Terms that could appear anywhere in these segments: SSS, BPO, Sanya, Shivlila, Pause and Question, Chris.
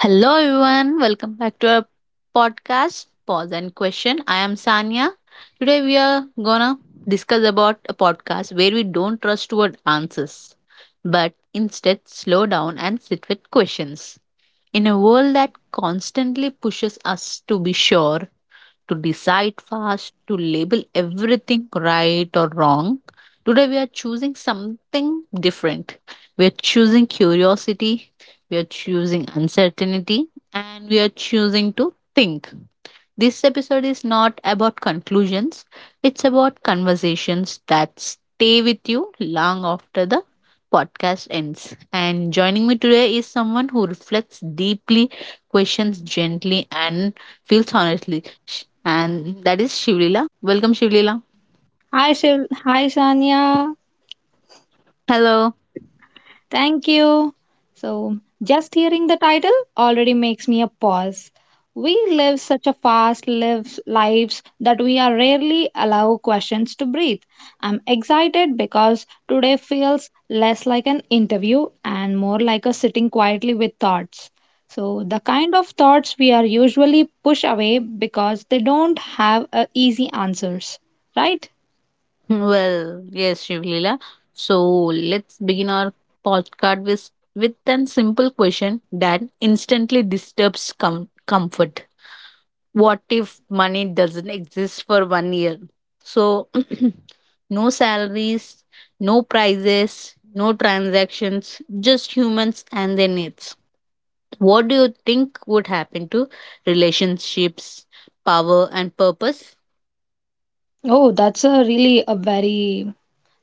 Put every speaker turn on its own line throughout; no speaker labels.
Hello, everyone. Welcome back to our podcast, Pause and Question. I am Sanya. Today, we are gonna discuss about a podcast where we don't rush toward answers, but instead slow down and sit with questions. In a world that constantly pushes us to be sure, to decide fast, to label everything right or wrong. Today, we are choosing something different. We are choosing curiosity, we are choosing uncertainty, and we are choosing to think. This episode is not about conclusions, it's about conversations that stay with you long after the podcast ends. And joining me today is someone who reflects deeply, questions gently, and feels honestly. And that is Shivlila. Welcome, Shivlila.
Hi, Shiv. Hi, Shania.
Hello.
Thank you. So, just hearing the title already makes me a pause. We live such a fast lives that we are rarely allow questions to breathe. I'm excited because today feels less like an interview and more like a sitting quietly with thoughts. So, the kind of thoughts we are usually push away because they don't have easy answers, right?
Well, yes, Shivlila. So let's begin our podcast with an simple question that instantly disturbs comfort. What if money doesn't exist for 1 year? So no salaries, no prices, no transactions, just humans and their needs. What do you think would happen to relationships, power, and purpose?
Oh, that's a really a very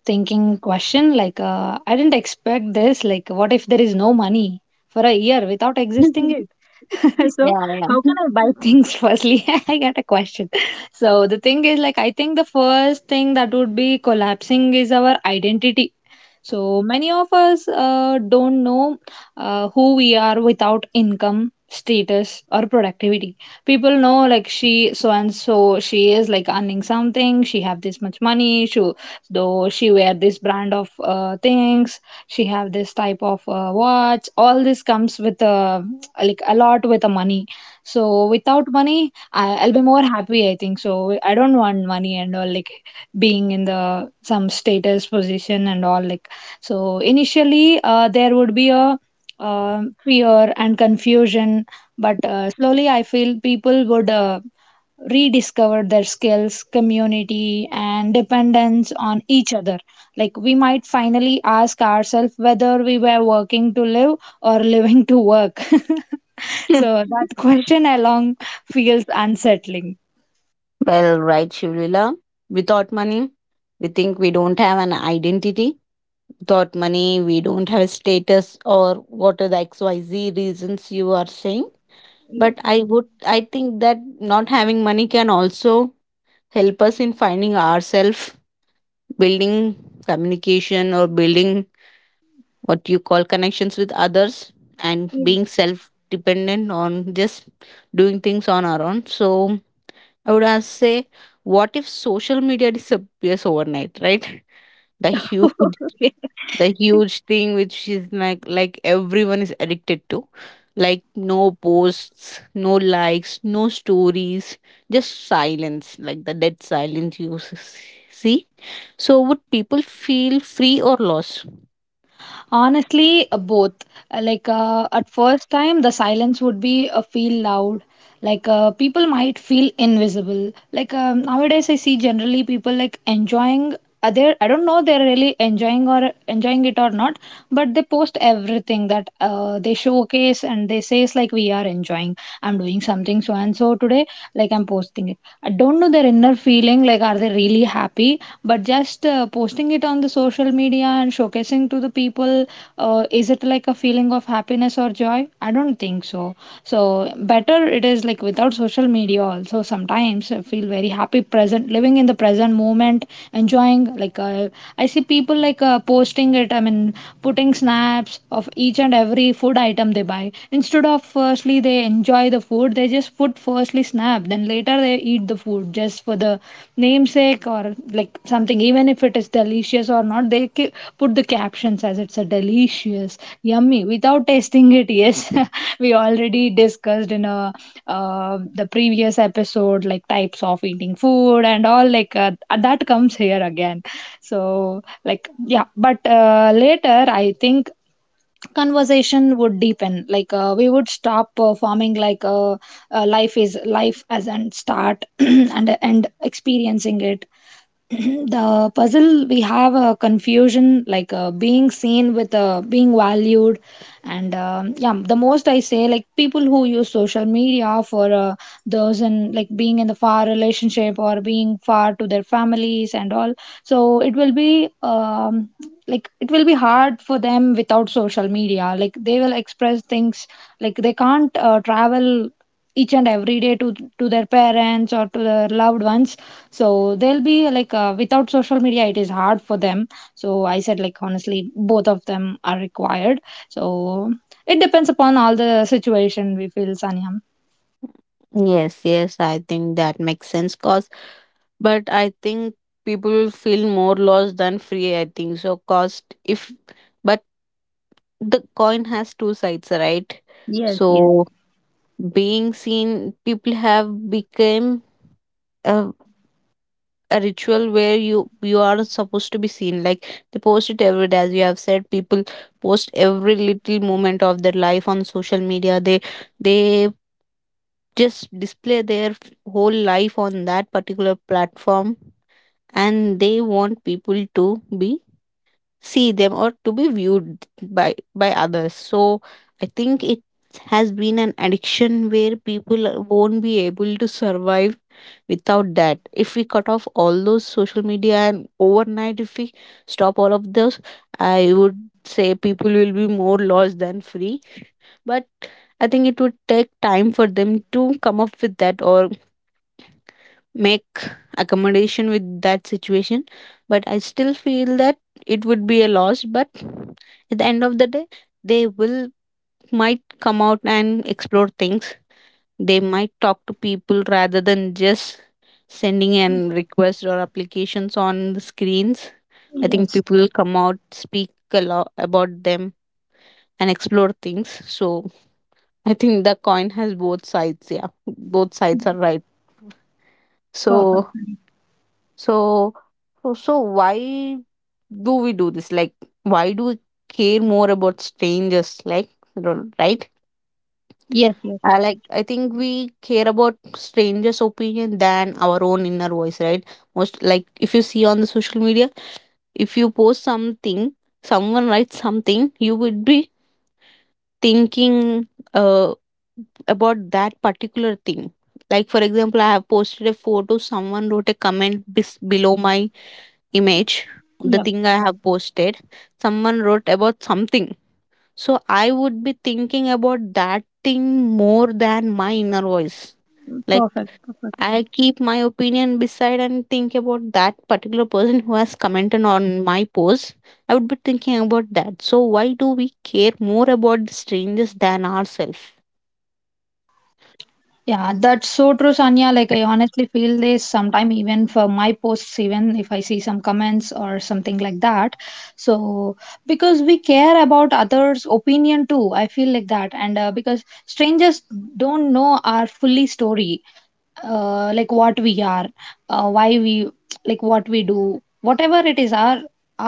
thinking question like I didn't expect this like what if there is no money for a year without existing it so
Yeah, yeah.
how can I buy things firstly I got a question so the thing is like I think the first thing that would be collapsing is our identity so many of us don't know who we are without income, status, or productivity. People know like she so and so she is like earning something. She have this much money. She though she wear this brand of things. She have this type of watch. All this comes with like a lot with the money. So without money, I'll be more happy. I think so. I don't want money and all like being in the some status position and all like so initially, there would be a fear and confusion, but slowly I feel people would rediscover their skills, community, and dependence on each other. Like we might finally ask ourselves whether we were working to live or living to work. so that question along feels unsettling.
Well, right, Shivlila. Without money, we think we don't have an identity. Without money, we don't have a status, or what are the xyz reasons you are saying. But
Yes.
I would, I think that not having money can also help us in finding ourselves, building communication, or building what you call connections with others, and being self dependent on just doing things on our own. So I would ask say, what if social media disappears overnight, right? The huge,
Yes.
the huge thing which is like everyone is addicted to, like no posts, no likes, no stories, just silence, like the dead silence you see. So would people feel free or lost?
Honestly, both. Like at first time, the silence would be feel loud. Like people might feel invisible. Like nowadays, I see generally people like enjoying. Are they? I don't know. They're really enjoying or enjoying it or not. But they post everything that they showcase and they say it's like we are enjoying. I'm doing something so and so today. Like I'm posting it. I don't know their inner feeling. Like are they really happy? But just posting it on the social media and showcasing to the people is it like a feeling of happiness or joy I don't think so so better it is like without social media also sometimes I feel very happy present living in the present moment enjoying like I see people like posting it I mean putting snaps of each and every food item they buy instead of firstly they enjoy the food they just food firstly snap, then later they eat the food just for the namesake or like something. Even if it is delicious or not, they put the captions as it's a delicious, yummy without tasting it. Yes, we already discussed in a the previous episode like types of eating food and all like that comes here again. So like yeah, but later I think conversation would deepen like we would stop performing like life is life as and start and experiencing it the puzzle we have a confusion like being seen with being valued and yeah the most I say like people who use social media for those and like being in the far relationship or being far to their families and all so it will be like it will be hard for them without social media like they will express things like they can't travel each and every day to their parents or to their loved ones so they'll be like without social media, it is hard for them. So I said like honestly, both of them are required. So it depends upon all the situation we feel, Sanyam.
Yes, yes, I think that makes sense, cause but I think people will feel more lost than free, I think so cost if. But the coin has two sides, right?
Yes, yes,
So being seen, people have become a, a ritual where you are supposed to be seen, like they post it every day. As you have said, people post every little moment of their life on social media. They they just display their whole life on that particular platform, and they want people to be see them or to be viewed by others. So I think it has been an addiction where people won't be able to survive without that. If we cut off all those social media and overnight if we stop all of those, I would say people will be more lost than free. But I think it would take time for them to come up with that or make accommodation with that situation. But I still feel that it would be a loss, but at the end of the day, they will might come out and explore things. They might talk to people rather than just sending an request or applications on the screens. I think
yes,
people will come out, speak a lot about them and explore things. So I think the coin has both sides, yeah, both sides are right.
perfect.
So So, so why do we do this? Like, why do we care more about strangers? Like, right?
Yes, yes,
I like. I think we care about strangers' opinion than our own inner voice, right? Most like if you see on the social media, if you post something, someone writes something, you would be thinking, uh, about that particular thing. Like for example, I have posted a photo. Someone wrote a comment below my image, the
yep,
thing I have posted, someone wrote about something. So I would be thinking about that thing more than my inner voice. Like
perfect, perfect.
I keep my opinion beside and think about that particular person who has commented on my post. I would be thinking about that. So why do we care more about the strangers than ourselves?
Yeah, that's so true, Sanya. Like, I honestly feel this sometime, even for my posts, even if I see some comments or something like that. So, because we care about others' opinion too, I feel like that. And because strangers don't know our fully story like what we are why we like what we do whatever it is our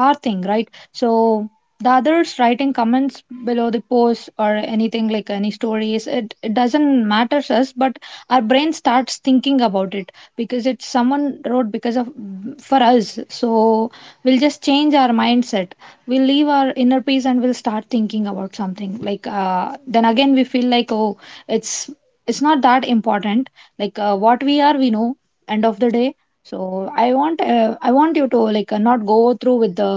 our thing right so the others writing comments below the post or anything like any stories it doesn't matter us but our brain starts thinking about it because it's someone wrote because of for us so we'll just change our mindset we'll leave our inner peace and we'll start thinking about something like then again we feel like oh it's it's not that important like what we are we know end of the day so I want you to like not go through with the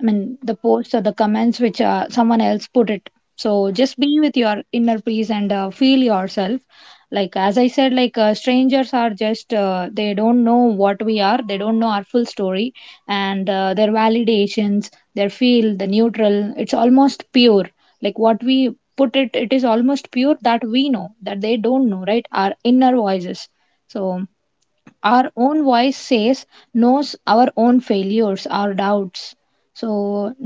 I mean the posts or the comments which someone else put it so just be with your inner peace and feel yourself like as I said like strangers are just they don't know what we are they don't know our full story and their validations their feel the neutral it's almost pure like what we put it it is almost pure that we know that they don't know right our inner voices so our own voice says knows our own failures our doubts so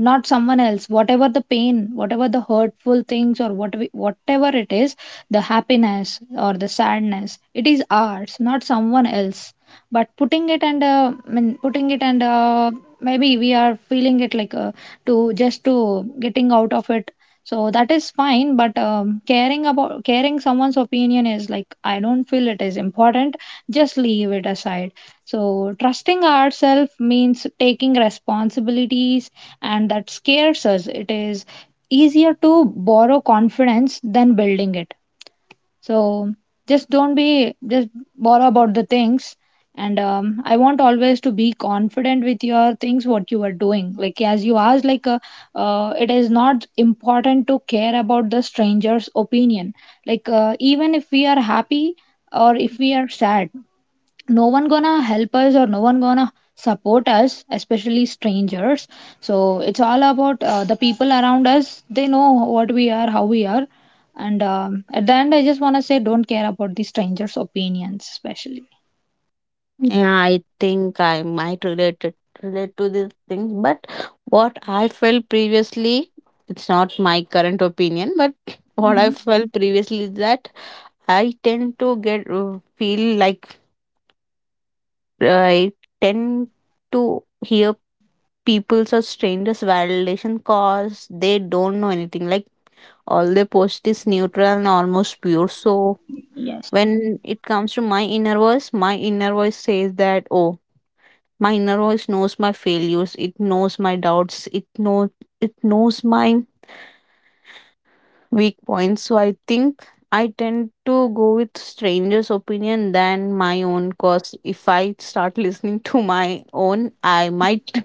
not someone else whatever the pain whatever the hurtful things or whatever it is the happiness or the sadness it is ours not someone else but putting it and I mean, putting it and maybe we are feeling it like to just to getting out of it so that is fine but caring about caring someone's opinion is like I don't feel it is important just leave it aside so trusting ourselves means taking responsibilities and that scares us it is easier to borrow confidence than building it so just don't be just bother about the things. And I want always to be confident with your things, what you are doing. Like as you asked, it is not important to care about the stranger's opinion. Like even if we are happy or if we are sad, no one gonna help us or no one gonna support us especially strangers so it's all about the people around us they know what we are how we are and at the end I just want to say don't care about the strangers opinions especially.
Yeah, I think I might relate to these things, but what I felt previously, it's not my current opinion, but what I
Hmm.
felt previously is that I tend to get feel like I tend to hear people's or strangers' validation, cause they don't know anything. Like all they post is neutral and almost pure. So
Yes.
when it comes to my inner voice says that, oh, my inner voice knows my failures, it knows my doubts, it knows my weak points. So I think I tend to go with strangers' opinion than my own, cause if I start listening to my own, I might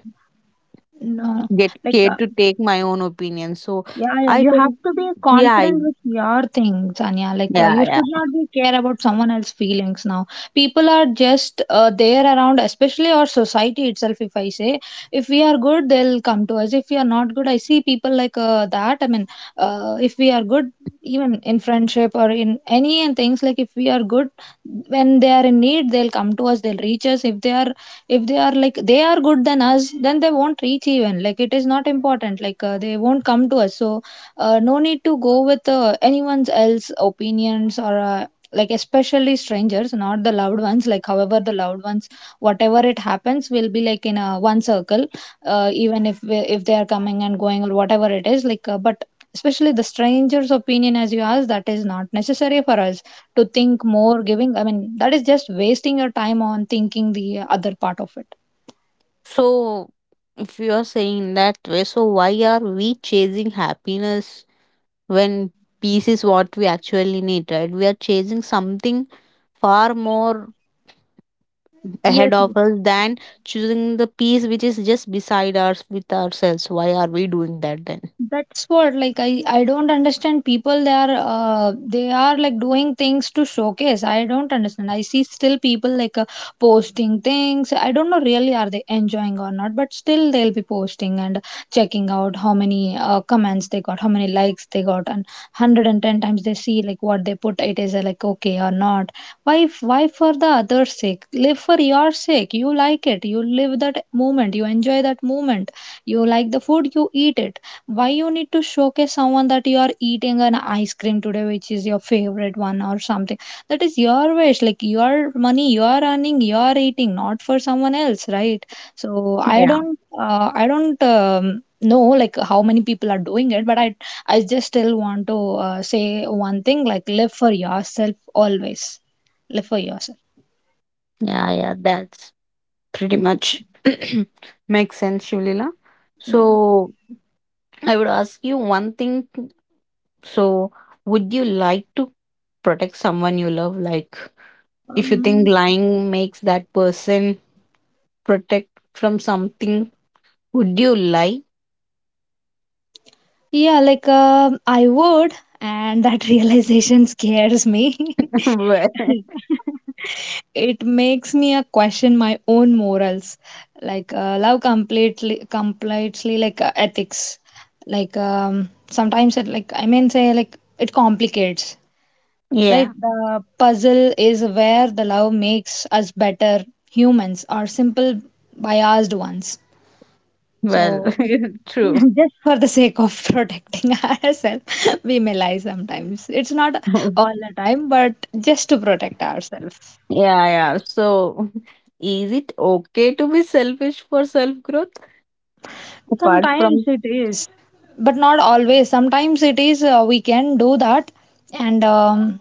No.
get
Like,
scared to take my own opinion. So
yeah, yeah
I
you have
tend,
to be
yeah,
confident with your things anya like
yeah,
you
yeah.
should not be care about someone else's feelings now people are just there around especially our society itself if I say if we are good they'll come to us if we are not good I see people like that I mean if we are good even in friendship or in any and things like if we are good when they are in need they'll come to us they'll reach us if they are like they are good than us then they won't reach even like it is not important like they won't come to us so no need to go with anyone's else opinions or like especially strangers not the loved ones like however the loved ones whatever it happens will be like in a one circle even if they are coming and going or whatever it is like but especially the stranger's opinion as you asked that is not necessary for us to think more giving I mean that is just wasting your time on thinking the other part of it.
So if you are saying that way, so why are we chasing happiness when peace is what we actually need, right? We are chasing something far more
Yes,
ahead of us than choosing the piece which is just beside us with ourselves. Why are we doing that then?
that's what like I don't understand people they are they are like doing things to showcase. I don't understand. I see still people like posting things. I don't know really are they enjoying or not, but still they'll be posting and checking out how many comments they got, how many likes they got, and 110 times they see like what they put it is like okay or not. Why, why for the other's sake? Live for your sake. You like it. You live that moment. You enjoy that moment. You like the food. You eat it. Why you need to showcase someone that you are eating an ice cream today, which is your favorite one or something? That is your wish. Like your money, you are earning, you are eating, not for someone else, right? So I
Yeah,
don't, I don't. Know like how many people are doing it but I just still want to say one thing like live for yourself always live for yourself.
yeah. That's pretty much. Makes sense, Shulila. So I would ask you one thing. So would you like to protect someone you love? Like if you think
Um,
lying makes that person protect from something, would you lie?
yeah, like I would, and that realization scares me.
Well,
It makes me question my own morals, like love completely, completely like ethics. Sometimes it, like I mean say like it complicates, right?
yeah.
The puzzle is where the love makes us better humans, or simple biased ones.
Well,
So,
true.
just for the sake of protecting ourselves, we may lie sometimes. It's not all the time, but just to protect ourselves.
Yeah, yeah. So, is it okay to be selfish for self growth? Apart
Sometimes
from,
it is. But not always. Sometimes it is, we can do that, and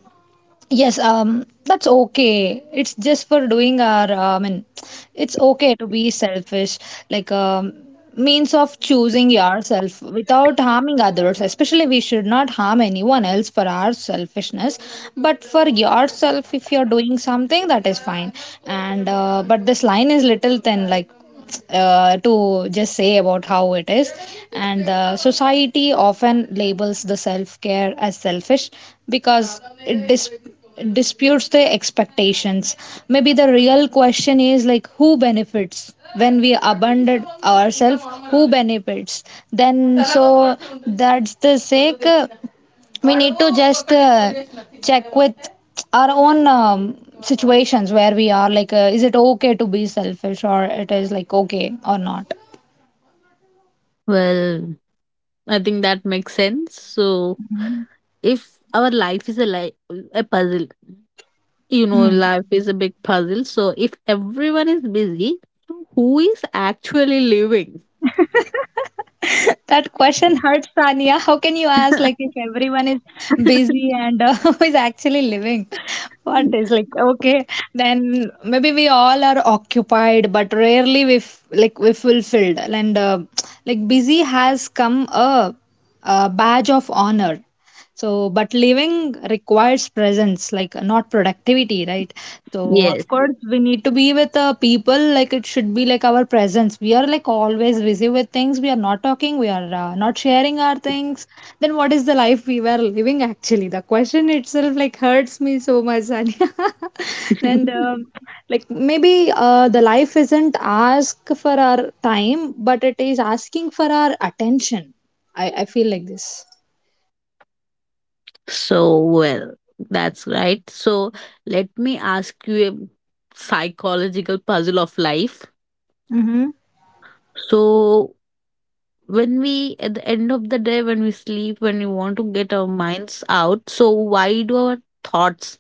yes, that's okay. It's just for doing our, I mean, it's okay to be selfish, like, means of choosing yourself without harming others. Especially, we should not harm anyone else for our selfishness, but for yourself, if you're doing something, that is fine. And but this line is little thin, like to just say about how it is, and the society often labels the self-care as selfish because it disputes the expectations. Maybe the real question is like, who benefits when we abandon ourselves? Who benefits then? So that's the sake, we need to just check with our own, situations where we are like, is it okay to be selfish, or it is like okay or not?
well, I think that makes sense. So, if our life is a a puzzle, you know,
Hmm.
life is a big puzzle. So, if everyone is busy, who is actually living?
That question hurts, Sania. How can you ask like if everyone is busy and is actually living, what is like okay? Then maybe we all are occupied, but rarely we like we fulfilled. And like busy has come a badge of honor. So, but living requires presence, like not productivity, right? So,
Yes.
of course, we need to be with people, like it should be like our presence. We are like always busy with things, we are not talking, we are not sharing our things. Then, what is the life we were living actually? The question itself like hurts me so much, Sanya. and like maybe the life isn't ask for our time, but it is asking for our attention. I feel like this.
So, well, that's right. So, let me ask you a psychological puzzle of life. So when we, at the end of the day, when we sleep, when we want to get our minds out, so why do our thoughts,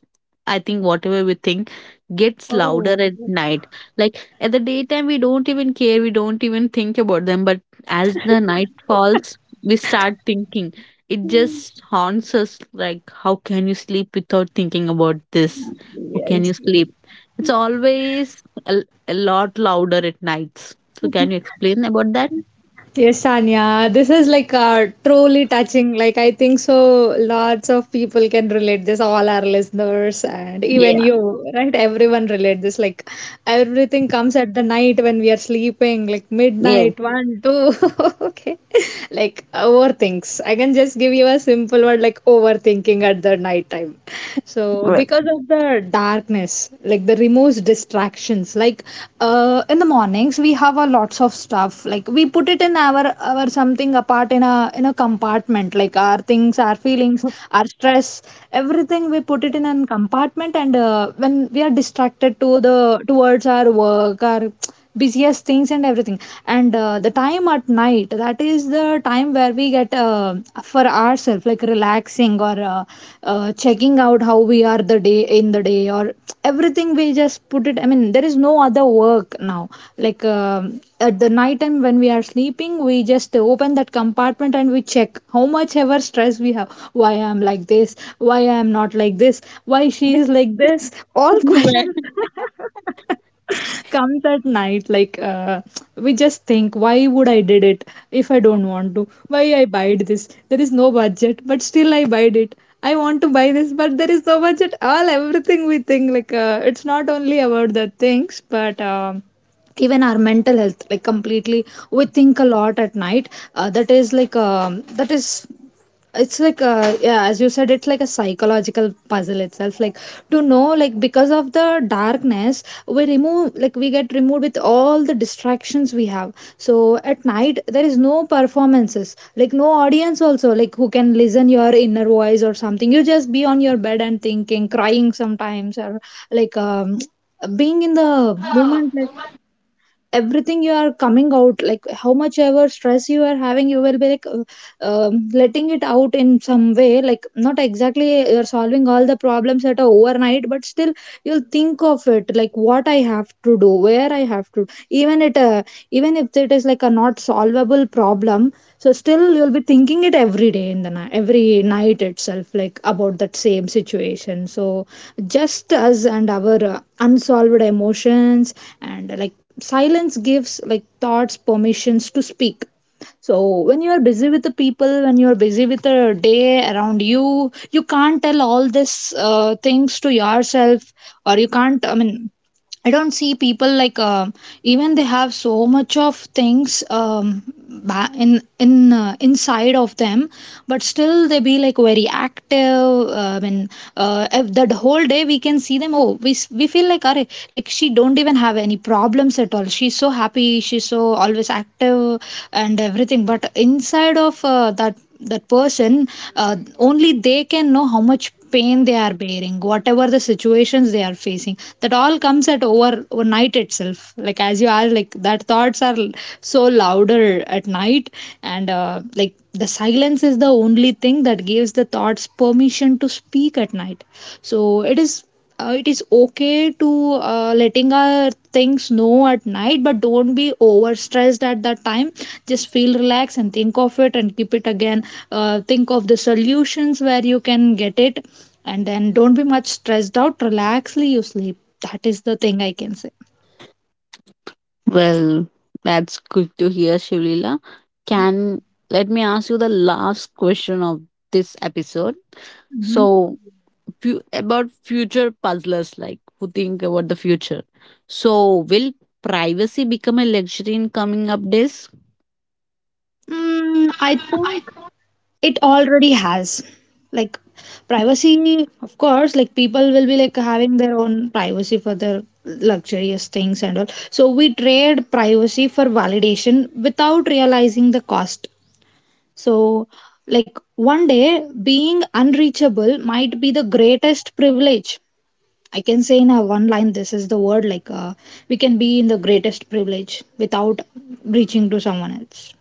I think whatever we think gets louder
Oh,
at night. Like at the daytime we don't even care, we don't even think about them, but as the night falls, we start thinking. It just haunts us, like how can you sleep without thinking about this? How can you
yes.
sleep? It's always a, a lot louder at nights. So can you explain about that?
Yes, Sanya, this is like truly touching. Like, I think so lots of people can relate this, all our listeners, and even
Yeah.
you, right? Everyone relate this. Like, everything comes at the night when we are sleeping, like
Yes.
midnight, one, two. Okay. Like, overthinks. I can just give you a simple word like overthinking at the night time. So,
Well.
because of the darkness, like the removes distractions, like in the mornings we have a lots of stuff, like we put it in our something apart in a, in a compartment, like our things, our feelings, our stress, everything we put it in a compartment. And when we are distracted to the, towards our work, our busiest things and everything. And the time at night, that is the time where we get, for ourselves, like relaxing, or checking out how we are the day, in the day, or everything we just put it. I mean, there is no other work now. Like, at the night time, when we are sleeping, we just open that compartment and we check how much ever stress we have. Why I am like this? Why I am not like this? Why she is like this? All
Well,
questions comes at night, like, we just think, why would I did it, if I don't want to? Why I buyed this? There is no budget, but still I buyed it. I want to buy this, but there is no budget. All, everything we think, like, it's not only about the things, but, even our mental health, like completely we think a lot at night. That is like, that is, it's like, yeah, as you said, it's like a psychological puzzle itself, like to know, like because of the darkness, we remove, like we get removed with all the distractions we have. So at night there is no performances, like no audience also, like who can listen your inner voice or something. You just be on your bed and thinking, crying sometimes, or like, being in the moment, like everything you are coming out, like how much ever stress you are having, you will be like, letting it out in some way, like not exactly you're solving all the problems at a overnight, but still you'll think of it, like what I have to do, where I have to, even it even if it is like a not solvable problem, so still you'll be thinking it every day in the night, every night itself, like about that same situation. So just us and our unsolved emotions. And like silence gives like thoughts permissions to speak. So when you are busy with the people, when you are busy with the day around you, you can't tell all these things to yourself, or you can't. I mean, I don't see people like, even they have so much of things, in inside of them, but still they be like very active. I mean, that whole day we can see them. Oh, we feel like are like, she don't even have any problems at all. She's so happy. She's so always active and everything. But inside of, that person, only they can know how much pain they are bearing, whatever the situations they are facing, that all comes at overnight itself, like as you are like, that thoughts are so louder at night. And like the silence is the only thing that gives the thoughts permission to speak at night. So it is, it is okay to, letting our things know at night, but don't be over stressed at that time. Just feel relaxed and think of it and keep it again. Think of the solutions where you can get it, and then don't be much stressed out. Relaxly you sleep, that is the thing I can say.
well, that's good to hear, Shivlila. Can let me ask you the last question of this episode.
Hmm.
So, about future puzzlers, like who think about the future. So, will privacy become a luxury in coming up days?
Mm, I think it already has. Like, privacy of course, like people will be like having their own privacy for their luxurious things and all. So we trade privacy for validation without realizing the cost. So like one day being unreachable might be the greatest privilege, I can say. In a one line, this is the word, like, we can be in the greatest privilege without reaching to someone else.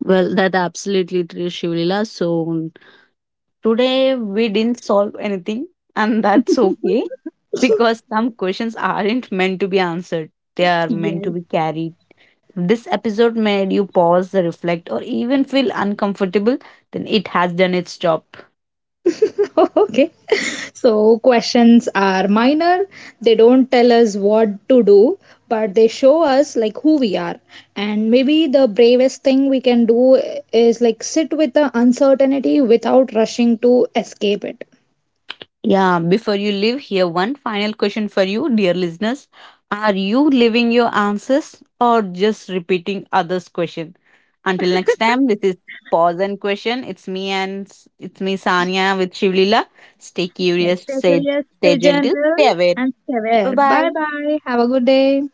Well, that absolutely true, Shivlila. So, today, we didn't solve anything, and that's okay because some questions aren't meant to be answered, they are meant
Yes.
to be carried. If this episode made you pause, reflect, or even feel uncomfortable, then it has done its job.
Okay. So questions are minor. They don't tell us what to do, but they show us like who we are. And maybe the bravest thing we can do is like sit with the uncertainty without rushing to escape it.
Yeah, before you leave, here one final question for you, dear listeners. Are you living your answers or just repeating others' question? Until next time, this is Pause and Question. It's me and it's me Sanya with Shivlila. Stay
Yes,
curious,
stay
stay,
curious,
stay
stay
gentle,
gentle,
stay aware.
and stay
Bye
aware. Bye
bye.
bye. Have a good day.